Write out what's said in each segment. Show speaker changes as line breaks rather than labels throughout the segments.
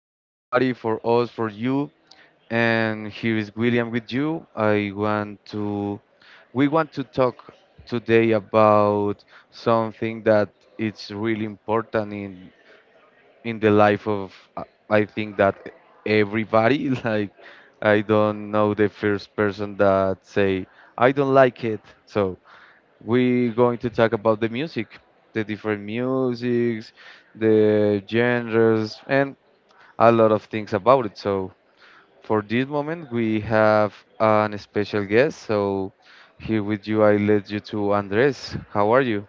everybody, for us, for you. And here is William with you. We want to talk today about something that it's really important in the life of I think that everybody. Like, I don't know the first person that say I don't like it. So we're going to talk about the music, the different musics, the genres, and a lot of things about it. So for this moment, we have an special guest. So here with you, I led you to Andres. How are you?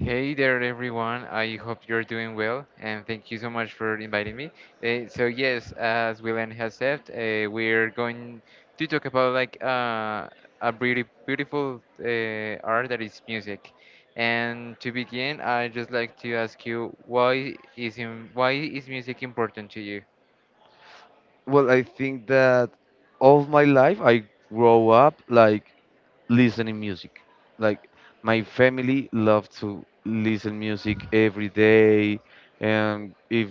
Hey there, everyone. I hope you're doing well, and thank you so much for inviting me. So yes, as William has said, we're going to talk about like a beautiful art that is music. And to begin, I just like to ask you, why is music important to you?
Well, I think that all my life I grow up like listening music. Like my family love to listen music every day, and if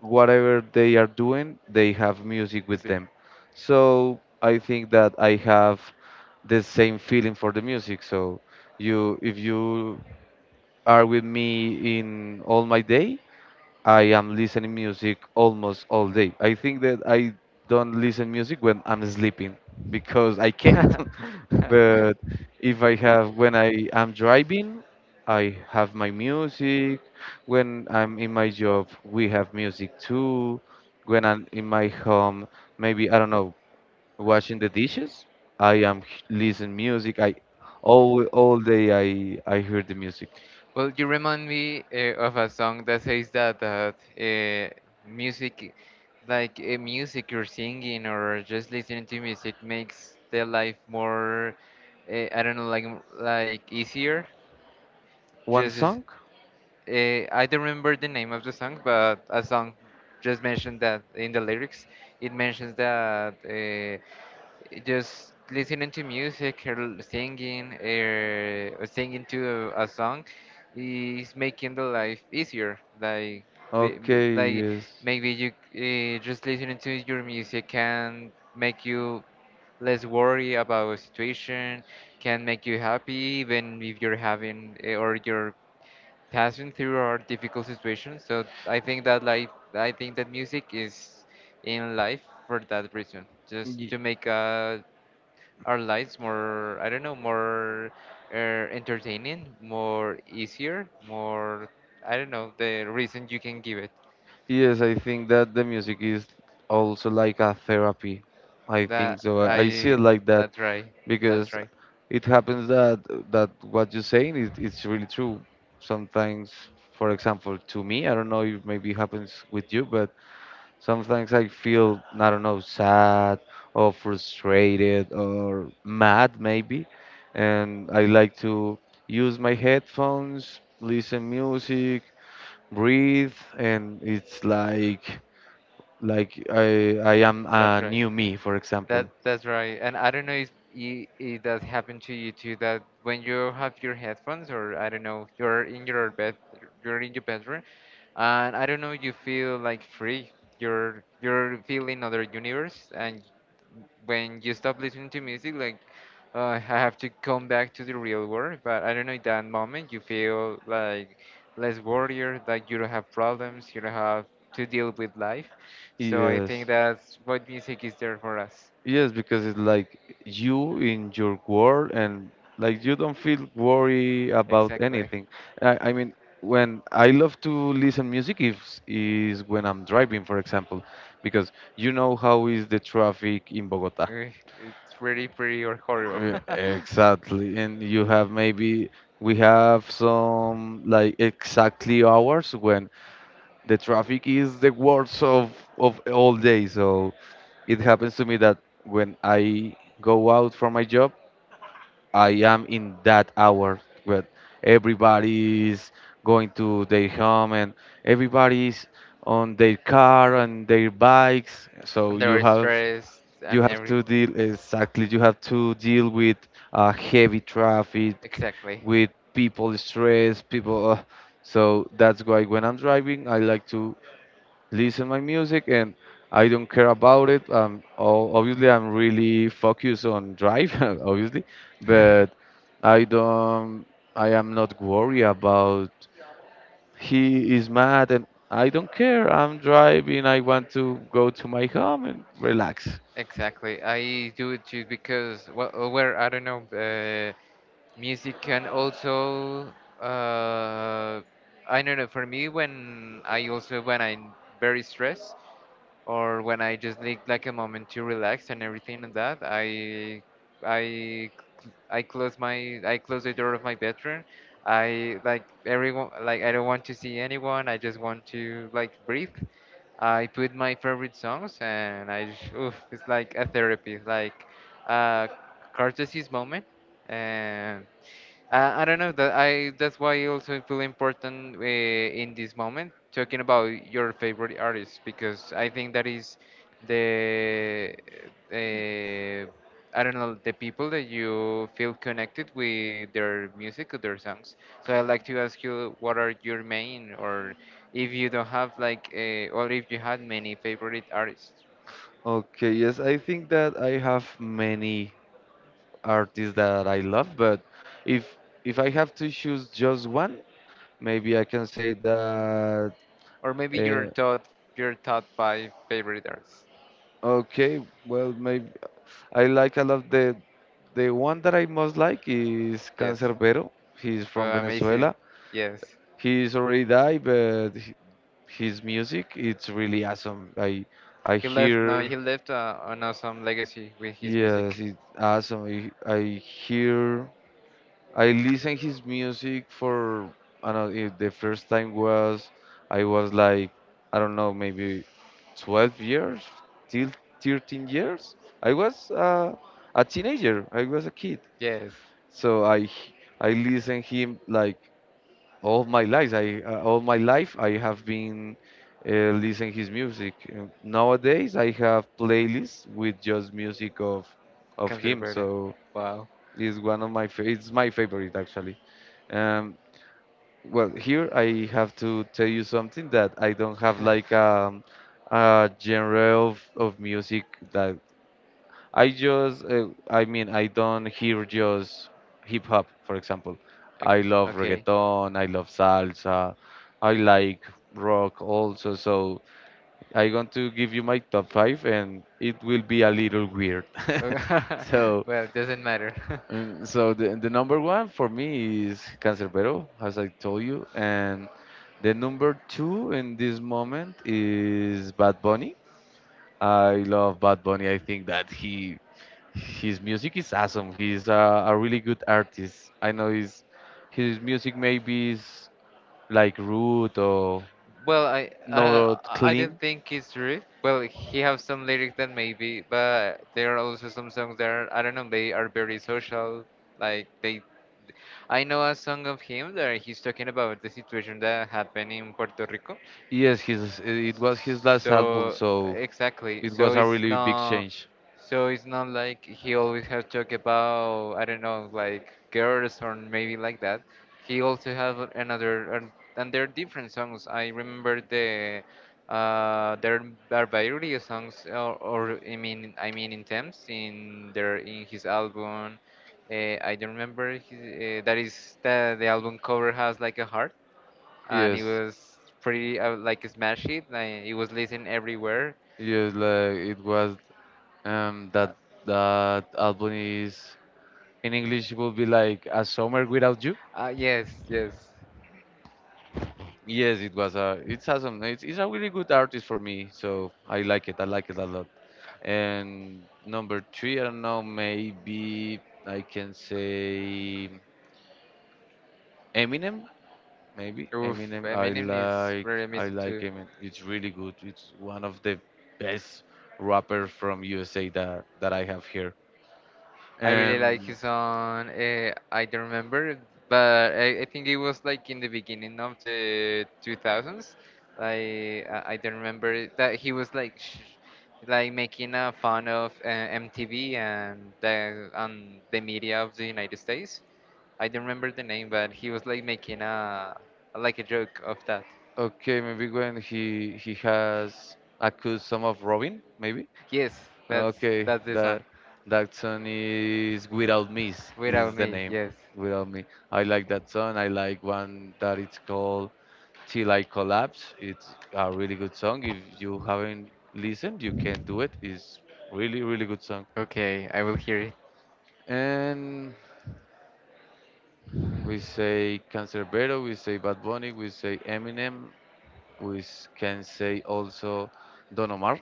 whatever they are doing, they have music with
Music.
them. So I think that I have the same feeling for the music. So you, if you are with me in all my day, I am listening music almost all day. I think that I don't listen music when I'm sleeping because I can't. But if I have, when I am driving, I have my music. When I'm in my job, we have music too. When I'm in my home, maybe, I don't know, washing the dishes, listen music. I all day I hear the music.
Well, you remind me of a song that says that music, like music or singing or just listening to music, makes the life more, I don't know, like easier.
One
Just as-
song?
I don't remember the name of the song, but a song just mentioned that in the lyrics, it mentions that. Just listening to music or singing or singing to a song is making the life easier, like
Okay,
like
yes.
maybe you, just listening to your music, can make you less worry about a situation, can make you happy even if you're having or you're passing through a difficult situation. So I think that music is in life for that reason, just
Ye-
to make a our lives more, I don't know, more uh, entertaining, more easier, more I don't know, the reason you can give it
Yes, I think that the music is also like a therapy. I think
that
so. I see
i
it like that.
that's right. that's
Because
right
it happens that what you're saying is it's really true. Sometimes, for example, to me, I don't know if maybe it happens with you, but sometimes I feel I don't know sad or frustrated or mad maybe, and I like to use my headphones, listen music, breathe, and it's like I am
that's
a
right
new me, for
That
example.
that's right. And I don't know if it does happen to you too that when you have your headphones, or I don't know, you're in your bed you're in your bedroom, and I don't know, you feel like free. You're feeling other universe, and when you stop listening to music, like I have to come back to the real world. But I don't know, in that moment you feel like less worried, like you don't have problems, you don't have to deal with life. So I
Yes.
think that's what music is there for us.
Yes, because it's like you in your world and like you don't feel worry about
Exactly.
anything. I mean, when I love to listen music is when I'm driving, for example, because you know how is the traffic in Bogota.
Eh, It's really pretty or horrible.
Yeah, exactly. And you have maybe we have some like exactly hours when the traffic is the worst of all day. So it happens to me that when I go out for my job, I am in that hour where everybody is going to their home and everybody is on their car and their bikes. So
And they're stressed
you
and
have
every.
to deal exactly you have to deal with heavy traffic
Exactly.
with people stressed, people so that's why when I'm driving I like to listen my music and I don't care about it. Obviously, I'm really focused on drive, obviously, but I don't. I am not worried about he is mad and I don't care. I'm driving. I want to go to my home and relax.
Exactly. I do it too because, well, where I don't know, music can also. Uh, I don't know. For me, when I also when I'm very stressed, or when I just need like a moment to relax and everything and that, I I close my I close the door of my bedroom. I like everyone, like I don't want to see anyone. I just want to like breathe. I put my favorite songs and I just, oof, it's like a therapy, like a catharsis moment, and I don't know that's why I also feel important in this moment talking about your favorite artist, because I think that is the uh, I don't know, the people that you feel connected with their music or their songs. So I'd like to ask you what are your main, or if you don't have like or if you had many favorite artists,
Okay, yes, I think that I have many artists that I love, but if if I have to choose just one, maybe I can say that
or maybe
uh,
your top five favorite artists.
okay, well, maybe I like a lot the one that I most like is
Yes.
Cancerbero. He's from
Well, amazing.
Venezuela.
Yes.
He's already died, but his music it's really awesome. I
He left. No,
hear
he left an awesome legacy with his
Yes,
music.
it's awesome. I listened his music for I don't know, the first time was I was like I don't know maybe 12 years till 13 years. I was a teenager. I was a kid.
Yes,
So I listen him like all my life. I all my life I have been listening his music. Nowadays I have playlists with just music of him.
Canserbero.
So
Wow.
it's one of it's my favorite actually. Um, well, here I have to tell you something that I don't have like a genre of music that I mean I don't hear just hip hop, for example. I
Ok-
love
Okay.
reggaeton, I love salsa, I like rock also. So I'm going to give you my top five, and it will be a little weird. so
Well, doesn't matter.
so the number one for me is Cancerbero, as I told you, and the number two in this moment is Bad Bunny. I love Bad Bunny. I think that he his music is awesome. He's a really good artist. I know his music maybe is like rude or
Well, I
not
I
clean.
don't think it's true. Well, he has some lyrics that maybe, but there are also some songs that are, I don't know. They are very social. Like I know a song of him that he's talking about the situation that happened in Puerto Rico.
Yes, his it was his last album,
So
so
exactly.
it
So
was a
it's
really big
not.
change.
So it's not like he always has joke about, I don't know, like girls or maybe like that. He also have and there are different songs. I remember the there are various songs, or I mean in terms in his album. I don't remember his, that is the album cover has like a heart, and it
Yes,
was pretty like smash it. Like, it was listened everywhere.
yes, like it was. Um, that that album is in English will be like A Summer Without You.
Yes, yes.
Yes, it was a. It's awesome. It's a really good artist for me, so I like it. I like it a lot. And number three, I don't know. Maybe I can say Eminem. Maybe
Oof,
Eminem.
Eminem is very
I
amazing
like
too.
Eminem. It's really good. It's one of the best rappers from USA that I have here.
I really like
Um.
his song. I don't remember, but I think it was like in the beginning of the 2000s. Like I don't remember it, that he was like sh like making a fun of MTV and the media of the United States. I don't remember the name, but he was like making a like a joke of that.
Okay, maybe when he has accused some of Robin, maybe.
Yes, that's
Okay,
that's the song.
that that song is Without Me
Without
is the
me,
name.
yes.
Without Me. I like that song. I like one that it's called Till I Collapse. It's a really good song. If you haven't listened, you can do it. It's really really good song.
Okay, I will hear it.
And we say Canserbero, we say Bad Bunny, we say Eminem. Can say also Don Omar.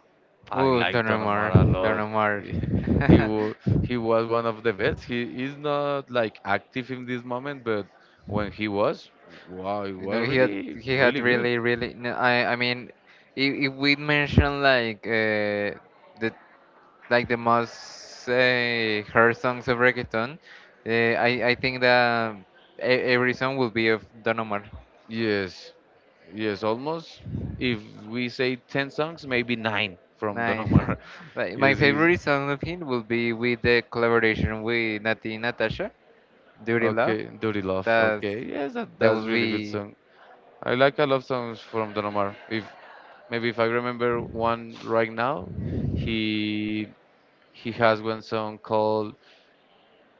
I
Ooh,
like Don Omar a
Don
lot.
Omar.
He wa- he was one of the best. He is not like active in this moment, but when he was, wow, it
You
was
know,
really
he had
really good.
really really. No, I mean, if we mention like the like the most heard songs of reggaeton, I think that um, every song will be of Don Omar.
Yes, yes, almost. If we say 10 songs, maybe nine from Don Omar.
Nine. Like, my
Yes, he's
favorite song of him will be with the collaboration with Nati Natasha, Dirty Love.
okay. Dirty Love.
That
Okay, yes,
that
that's
will
really good
be
song. I like a lot of songs from Don Omar. If I remember one right now, he he has one song called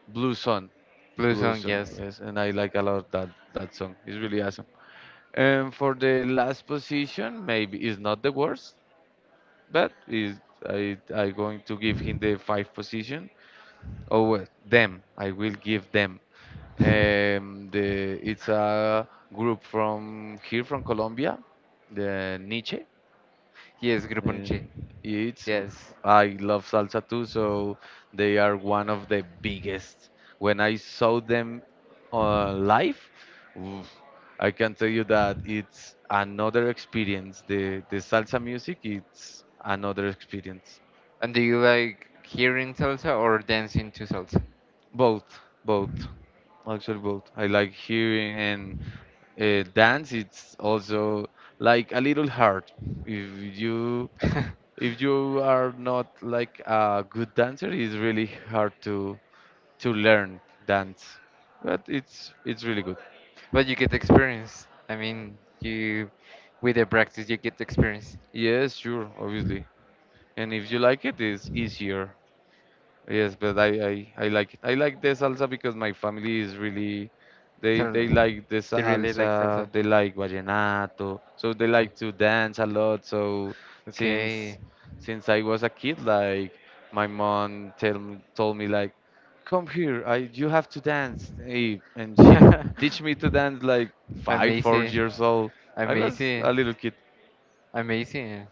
Blue Sun.
blue
Blue
song,
Sun,
yes.
yes, and I like a lot that song. It's really awesome. And for the last position, maybe it's not the worst, but is I going to give him the five position. Oh, well, them. I will give them. The It's a group from here from Colombia, the Niche.
Yes, Grupo Nietzsche.
Then it's
Yes.
I love salsa too, so they are one of the biggest. When I saw them live, oof, I can tell you that it's another experience. The salsa music, it's another experience.
And do you like hearing salsa or dancing to salsa?
Both, both, actually both. I like hearing and dance. It's also like a little hard. If you if you are not like a good dancer, it's really hard to learn dance. But it's really good.
But you get experience. I mean, you with the practice you get experience.
Yes, sure, obviously. And if you like it, it's easier. Yes, but I like it. I like the salsa because my family is really they
Salsa.
like the
You really like
salsa,
salsa?
they like vallenato, so they like to dance a lot. So
Okay.
since since I was a kid, like my mom tell, me- told me like, come here, I you have to dance, eh, and she teach me to dance like five, four
Amazing.
years old. I was
Amazing.
a little kid.
Amazing.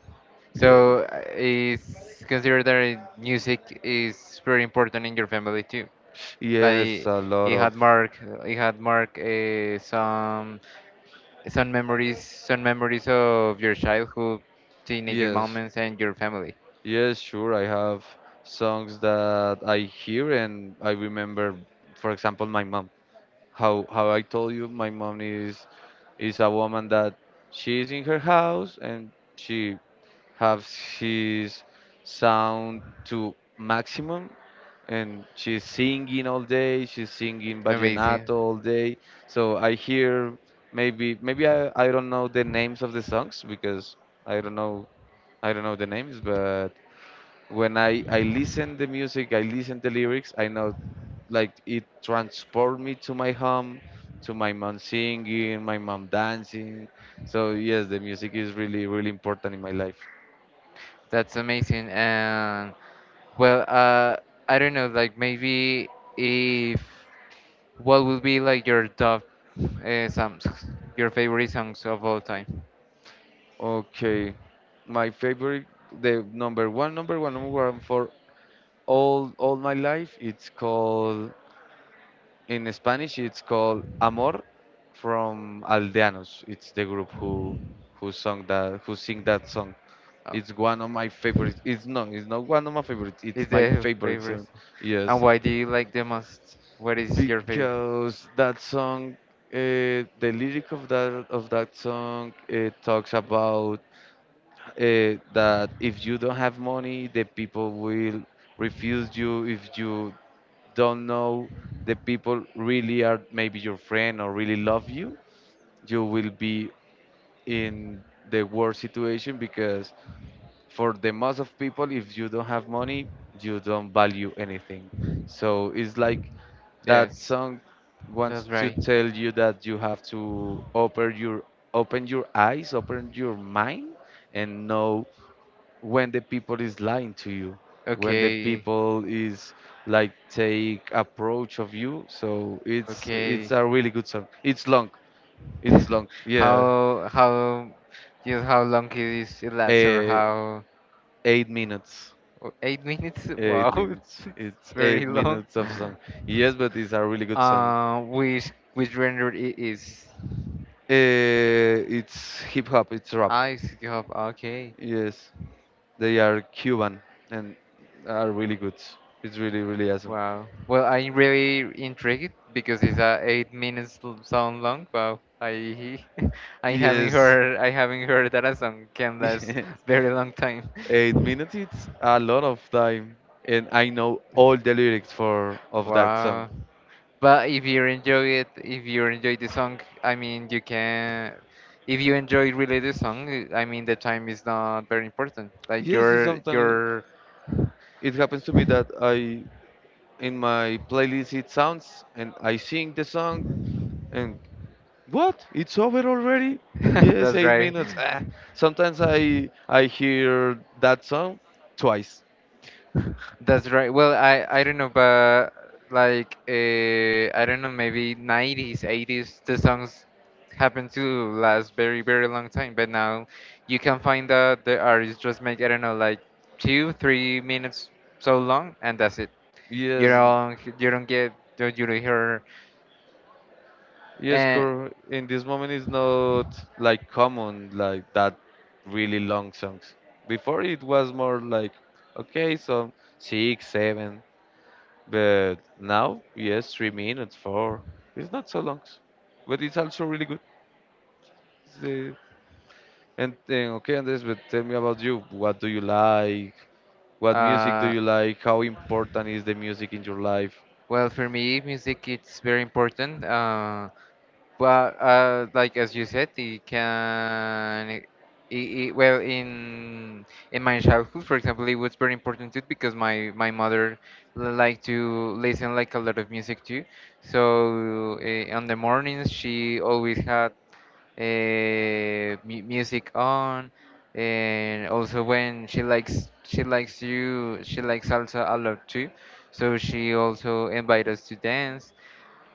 Yeah.
So it's considered that music is very important in your family too.
Yes,
Like
a lot
it
of
had mark, it had mark some memories, some memories of your childhood, teenager
yes.
moments, and your family.
Yes, sure. I have songs that I hear and I remember, for example, my mom. How I told you, my mom is a woman that she's in her house and she has his sound to maximum and she's singing all day, she's singing vallenato
Amazing.
all day. So I hear maybe I don't know the names of the songs because I don't know I don't know the names, but when I listen the music, I listen the lyrics, I know like it transport me to my home, to my mom singing, my mom dancing. So yes, the music is really really important in my life.
That's amazing. And well, I don't know. Like maybe if what would be like your top songs, your favorite songs of all time?
Okay, my favorite, the number one, number one, number one for all my life. It's called in Spanish. It's called Amor from Aldeanos. It's the group who sung that who sing that song.
Oh.
It's one of my favorites. It's no, it's not one of my favorites.
Is
It's my
the
favorite
favorite.
song.
And
Yes,
why do you like the most? What is your favorite?
because the lyric of that song, it talks about that if you don't have money, the people will refuse you. If you don't know, the people really are maybe your friend or really love you. You will be in the worst situation because for the most of people if you don't have money you don't value anything. So it's like that
Yes,
song wants
that's
to
right.
tell you that you have to open your eyes, open your mind, and know when the people is lying to you, when the
Okay,
people is like take approach of you. So it's
okay.
a really good song, it's long, it's long, yeah.
How Just how long is it lasts or
Uh,
how
8 minutes.
oh, 8 minutes?
Eight
Wow,
minutes.
it's
It's
very
eight
long.
minutes of song. Yes, but it's a really good song.
Which render it is?
Eh, it's hip hop. It's rap.
Ice cup. Okay.
Yes, they are Cuban and are really good. It's really really awesome.
Wow. Well, I'm really intrigued because it's a 8 minutes song long. Wow. I
Yes,
I haven't heard that a song can last
yes.
very long time.
8 minutes. It's a lot of time, and I know all the lyrics for of that song.
Wow. But if you enjoy it, if you enjoy the song, I mean, you can. If you enjoy really the song, I mean, the time is not very important. Like
Yes, it's sometimes
your.
it happens to me that I, in my playlist it sounds and I sing the song, and what? It's over already? Yes,
That's
eight
right.
minutes. Ah. Sometimes I hear that song twice.
That's right. Well, I don't know, but like I don't know, maybe 90s, 80s, the songs happen to last very very long time. But now you can find that the artists just make I don't know like 2 3 minutes so long, and that's it.
Yes,
You don't hear
yes.
and
In this moment, it's not like common like that really long songs. Before it was more like okay, so six, seven. But now, yes, 3 minutes, four. It's not so long, but it's also really good. It's the- and then okay, Andres, but tell me about you. What do you like? What music do
uh
you like? How important is the music in your life?
well, for me music it's very important. But like as you said, it can, it, well, in my childhood, for example, it was very important too because my mother liked to listen like a lot of music too. So on the mornings, she always had mu music on, and also when she likes you, she likes salsa a lot too. So she also invite us to dance,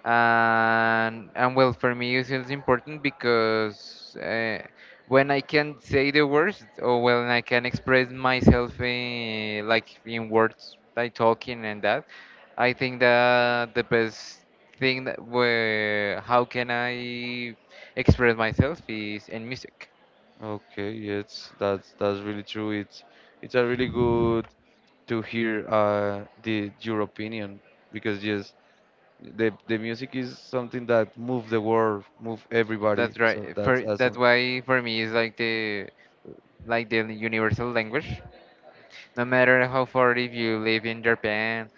and well, for me it feels important because when I can say the words, or when I can express myself like in words like talking and that, I think that the best thing that where how can I express myself is in music.
Okay, yes, that's really true. It's a really good to hear the your opinion, because yes, the music is something that move the world, move everybody.
That's
So
right.
that's
for That's
awesome.
why for me it's like the universal language. No matter how far, if you live in Japan,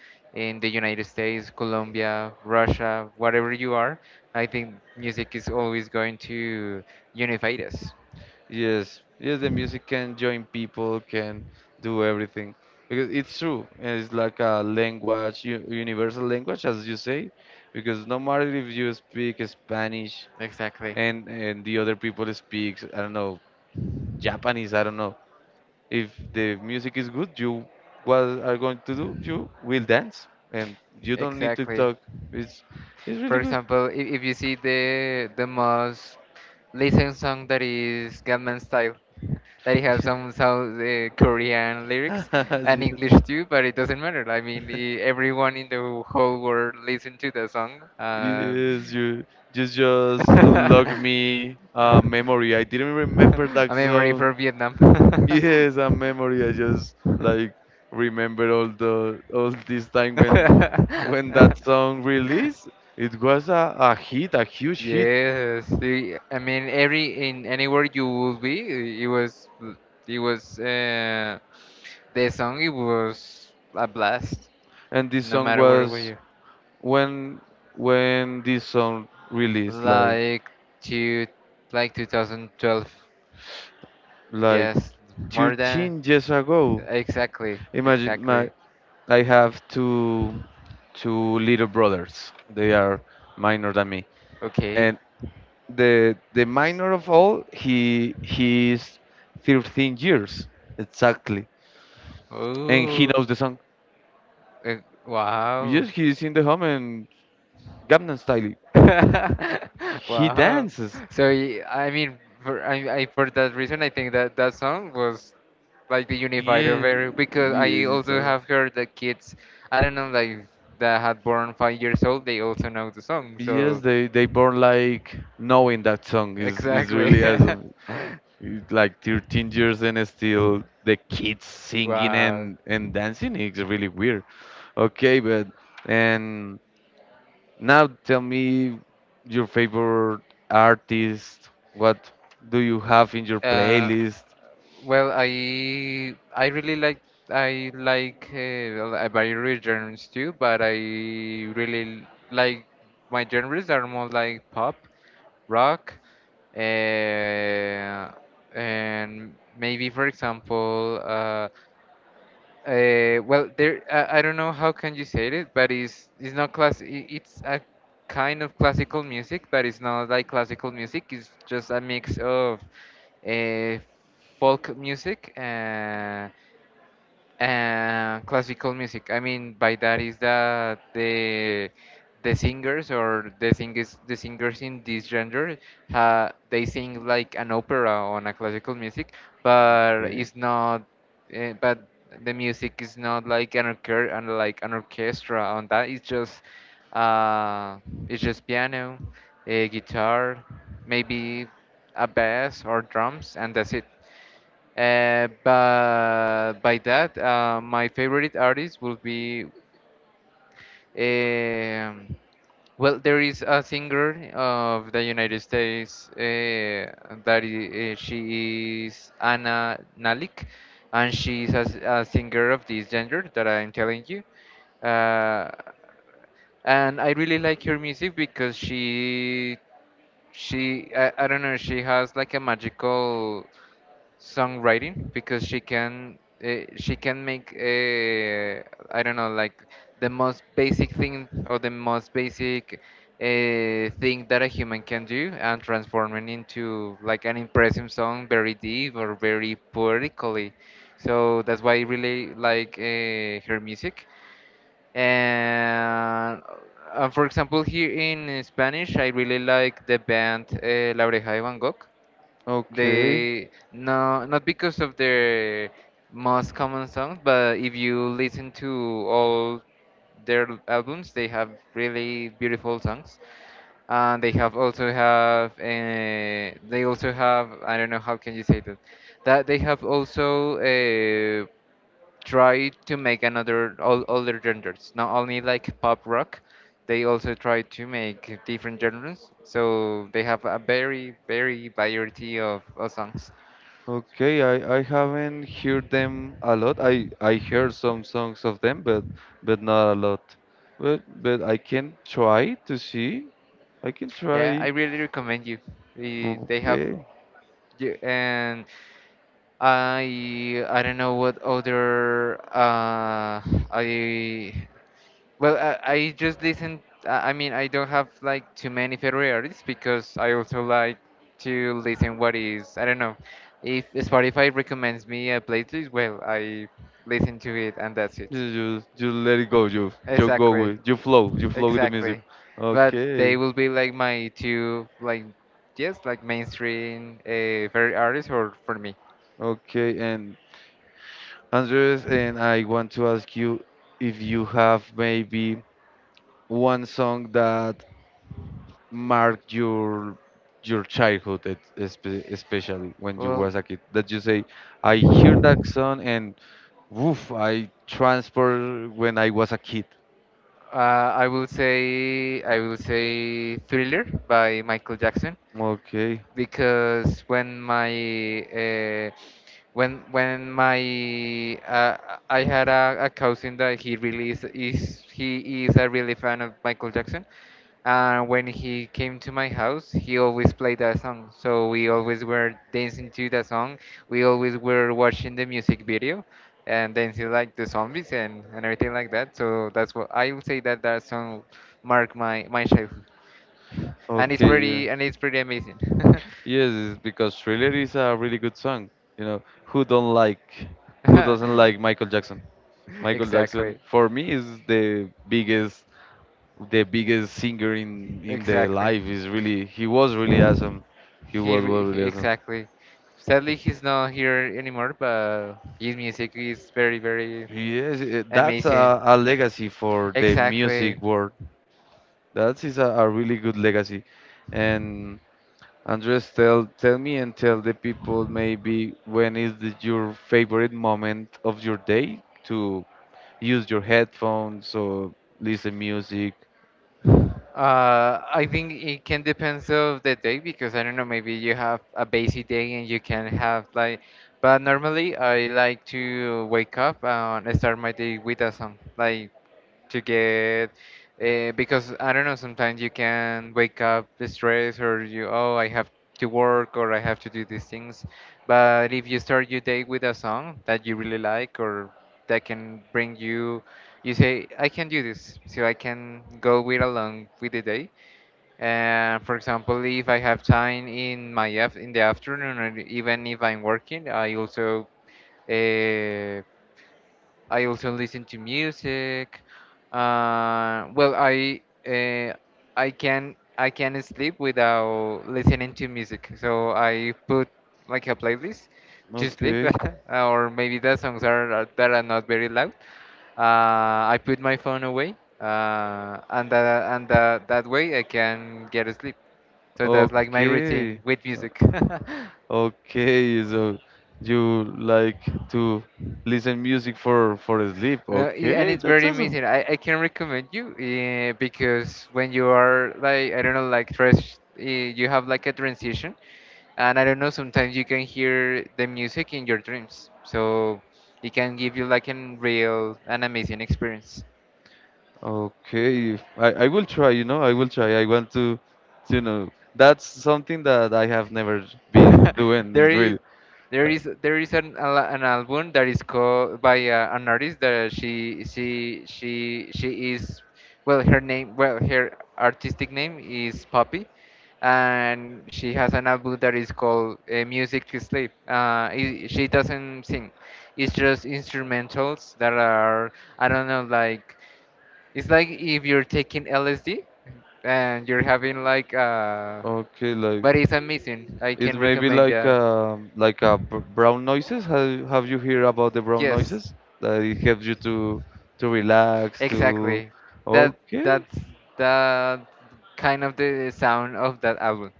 in the United States, Colombia, Russia, whatever you are, I think music is always going to unify us.
Yes, yes, the music can join people, can do everything because it's true, and it's like a language, universal language, as you say, because no matter if you speak Spanish,
Exactly.
and the other people speaks, I don't know, Japanese, I don't know, if the music is good, you what are going to do, you will dance, and you don't need to
Exactly.
talk. It's it's
For
really good.
example, if you see the most listened song that is Gangnam Style, that it has some South Korean lyrics and English
Yes,
too, but it doesn't matter. I mean, everyone in the whole world listen to the song.
yes, you just just unlock
I
me a memory, I didn't remember that
mean, ready
song.
for Vietnam.
Yes, a memory, I just like remember all this time, when that song released, it was a hit a huge hit.
Yes, I mean every in anywhere you will be, it was the song. It was a blast,
And this
no
song
matter where were
was
you.
when when this song released, like
Like to like 2012.
like
Yes, more than
13 years ago.
exactly,
Imagine my
exactly.
I have two little brothers, they are minor than me,
Okay.
and the minor of all, he is 13 years exactly, and he
Oh,
knows the song.
uh, wow.
Yes, he is in the home, and Gangnam Style, and he
Wow.
dances.
So I mean, for I, I for that reason, I think that that song was like the unified
Yeah,
of every, because I
yeah, it's
also
awesome.
have heard that kids, I don't know, like that had born 5 years old, they also know the song.
Yes,
So
they born like knowing that song is
exactly.
really awesome. It's like 13 years and still the kids singing
Wow.
and dancing. It's really weird. Okay, but and now tell me your favorite artist. What do you have in your
Uh,
playlist?
well, I really like I like various genres too, but I really like my genres are more like pop rock, uh, and maybe, for example, well, there I don't know how can you say it, but it's not class. I- it's a kind of classical music, but it's not like classical music. It's just a mix of uh, folk music. Classical music. I mean, by that is that the singers, or the singers in this genre, ha, they sing like an opera on a classical music, but
Okay.
it's not. But the music is not like an orchestra on that. Uh, it's just piano, a guitar, maybe a bass or drums, and that's it. My favorite artist will be. Um, well, there is a singer of the United States that is, she is Anna Nalik, and she is a singer of this genre that I'm telling you. Uh, and I really like her music because I don't know, she has like a magical songwriting because she can make I don't know, like the most basic thing or the most basic thing that a human can do and transform it into like an impressive song, very deep or very poetically. So that's why I really like her music. And for example, here in Spanish, I really like the band La Oreja de Van Gogh.
Okay.
They no Not because of their most common songs, but if you listen to all their albums, they have really beautiful songs. And they also have, I don't know how can you say that, they have also try to make another all other genres, not only like pop rock. They also try to make different genres, so they have a very, very variety of songs.
Okay, I haven't heard them a lot. I heard some songs of them, but not a lot. But I can try to see. I can
Yeah,
try.
I really recommend you. they, they have
Okay,
you and i i don't know what other I well, I just listen. I mean, I don't have like too many favorite artists because I also like to listen what is. I don't know. If Spotify recommends me a playlist, well, I listen to it and that's
you
it.
you, you let it go. You go
Exactly,
with you flow. You flow with the music.
exactly. But they
Okay,
will be like my two, like, yes, like mainstream favorite artists, or for me.
okay. And Andres, and I want to ask you if you have maybe one song that Mark your childhood, especially when you
Well,
was a kid that you say, I hear that song and woof, I transport when I was a kid.
I will say, Thriller by Michael Jackson.
Okay.
Because when my I had a cousin that he is a really fan of Michael Jackson, and when he came to my house, he always played that song. So we always were dancing to that song. We always were watching the music video and dancing like the zombies, and everything like that. So that's what I would say, that that song marked my childhood, and it's
Okay. Yeah.
pretty amazing.
Yes, it's because Thriller is a really good song. You know, who doesn't like Michael Jackson
Exactly.
for me is the biggest singer in the
Exactly.
life, is really, he was really awesome. He was really awesome.
Exactly. Sadly, he's not here anymore, but his music is very, very
Yes, that's
amazing.
a legacy for the music
Exactly.
world. That is a really good legacy. And Andres, tell me and tell the people, maybe when is your favorite moment of your day to use your headphones or listen music.
I think it can depends of the day, because I don't know, maybe you have a busy day and you can have like — but normally I like to wake up and start my day with a song. Like to get because I don't know, sometimes you can wake up stressed, or you, oh, I have to work or I have to do these things. But if you start your day with a song that you really like or that can bring you, you say, I can do this, so I can go with along with the day. For example, if I have time in my af in the afternoon, or even if I'm working, uh, I also listen to music. Uh, well, I uh, I can, sleep without listening to music. So I put like a playlist to sleep,
Okay,
or maybe the songs that are not very loud. I put my phone away, and that way I can get asleep. So that's like my routine
okay,
with music.
okay. So you like to listen music for sleep.
No, and
Okay,
it's
that's
very
awesome.
amazing. I can recommend you because when you are like, I don't know, like you have like a transition, and I don't know, sometimes you can hear the music in your dreams, so it can give you like an real an amazing experience.
Okay, I will try, you know, I will try. I want to, that's something that I have never been doing
there is
really.
There
Uh,
is an an album that is called by an artist that she is — well, her name, well, her artistic name is Poppy, and she has an album that is called Music to Sleep. I She doesn't sing; it's just instrumentals that are, I don't know, like, it's like if you're taking LSD and you're having like
Okay, like,
but it's amazing. I
it's
can
maybe
recommend.
like
Yeah.
um like a b brown noises. Have you heard about the brown
Yes,
noises? That it helps you to relax, to.
exactly. That
Okay,
that's the kind of the sound of that album.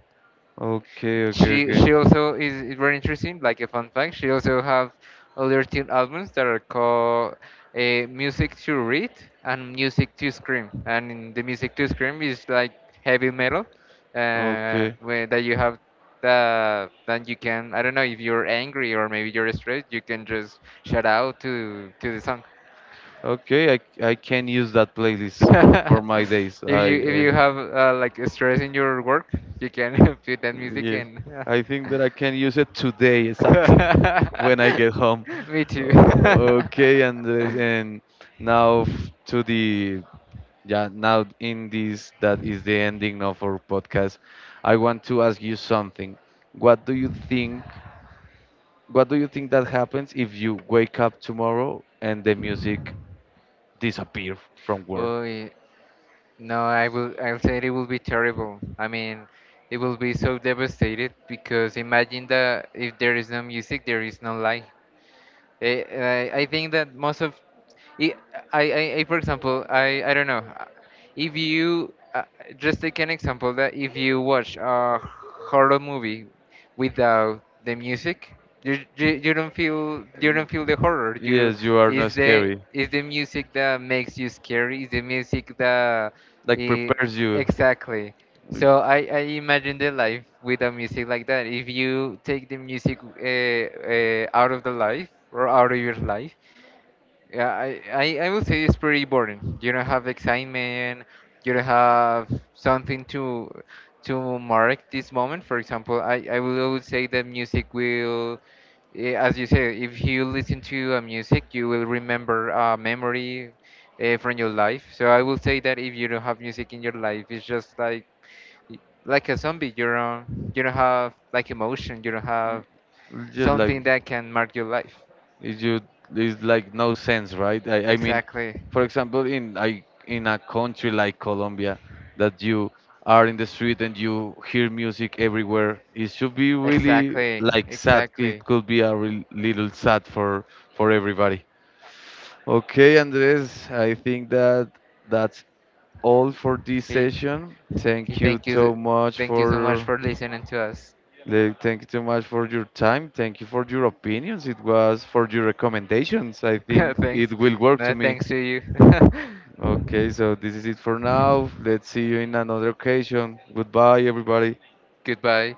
okay, okay, okay,
She also is very interesting. Like a fun fact, she also have other two albums that are called "Music to Read" and "Music to Scream." And in the "Music to Scream" is like heavy metal,
okay,
where that you have then you can, I don't know, if you're angry or maybe you're stressed, you can just shout out to the song.
okay. I can use that playlist for
if
my days.
if
I
you have like stress in your work, you can put that music
Yes,
in.
I think that I can use it today exactly when I get home.
Me too.
Uh, okay, Andres, and now to the yeah, now in this that is the ending of our podcast. I want to ask you something. What do you think? What do you think that happens if you wake up tomorrow and the music disappear from work?
Oh yeah. No, I'll say it will be terrible. I mean, it will be so devastated because imagine that if there is no music, there is no life. I think that most of I, I, I — for example, I don't know. If you just take an example, that if you watch a horror movie without the music, you don't feel, the horror. You —
Yes, you are not
is the
scary.
music that makes you scary. Is the music that
Like
i-
prepares you.
exactly.
We,
So I imagine the life without music like that. If you take the music out of the life or out of your life, yeah, I would say it's pretty boring. You don't have excitement. You don't have something to mark this moment. For example, I will always say that music will, as you say, if you listen to a music, you will remember a memory from your life. So I will say that if you don't have music in your life, it's just like a zombie. You don't have like emotion. You don't have
It's just like
something that can mark your life.
it's just it's like no sense, right? I mean,
Exactly.
for example, in a country like Colombia, that you are in the street and you hear music everywhere, it should be really
Exactly,
like sad. It
exactly.
could be a real little sad for everybody. Okay, Andres, I think that's all for this
Okay,
session.
okay.
Thank you so much
Thank you so much for listening to us.
thank you so much for your time. Thank you for your opinions. It was for your recommendations. I think
thanks,
it will work
no
to me.
thanks to you.
Okay, so this is it for now. Let's see you in another occasion. Goodbye, everybody.
Goodbye.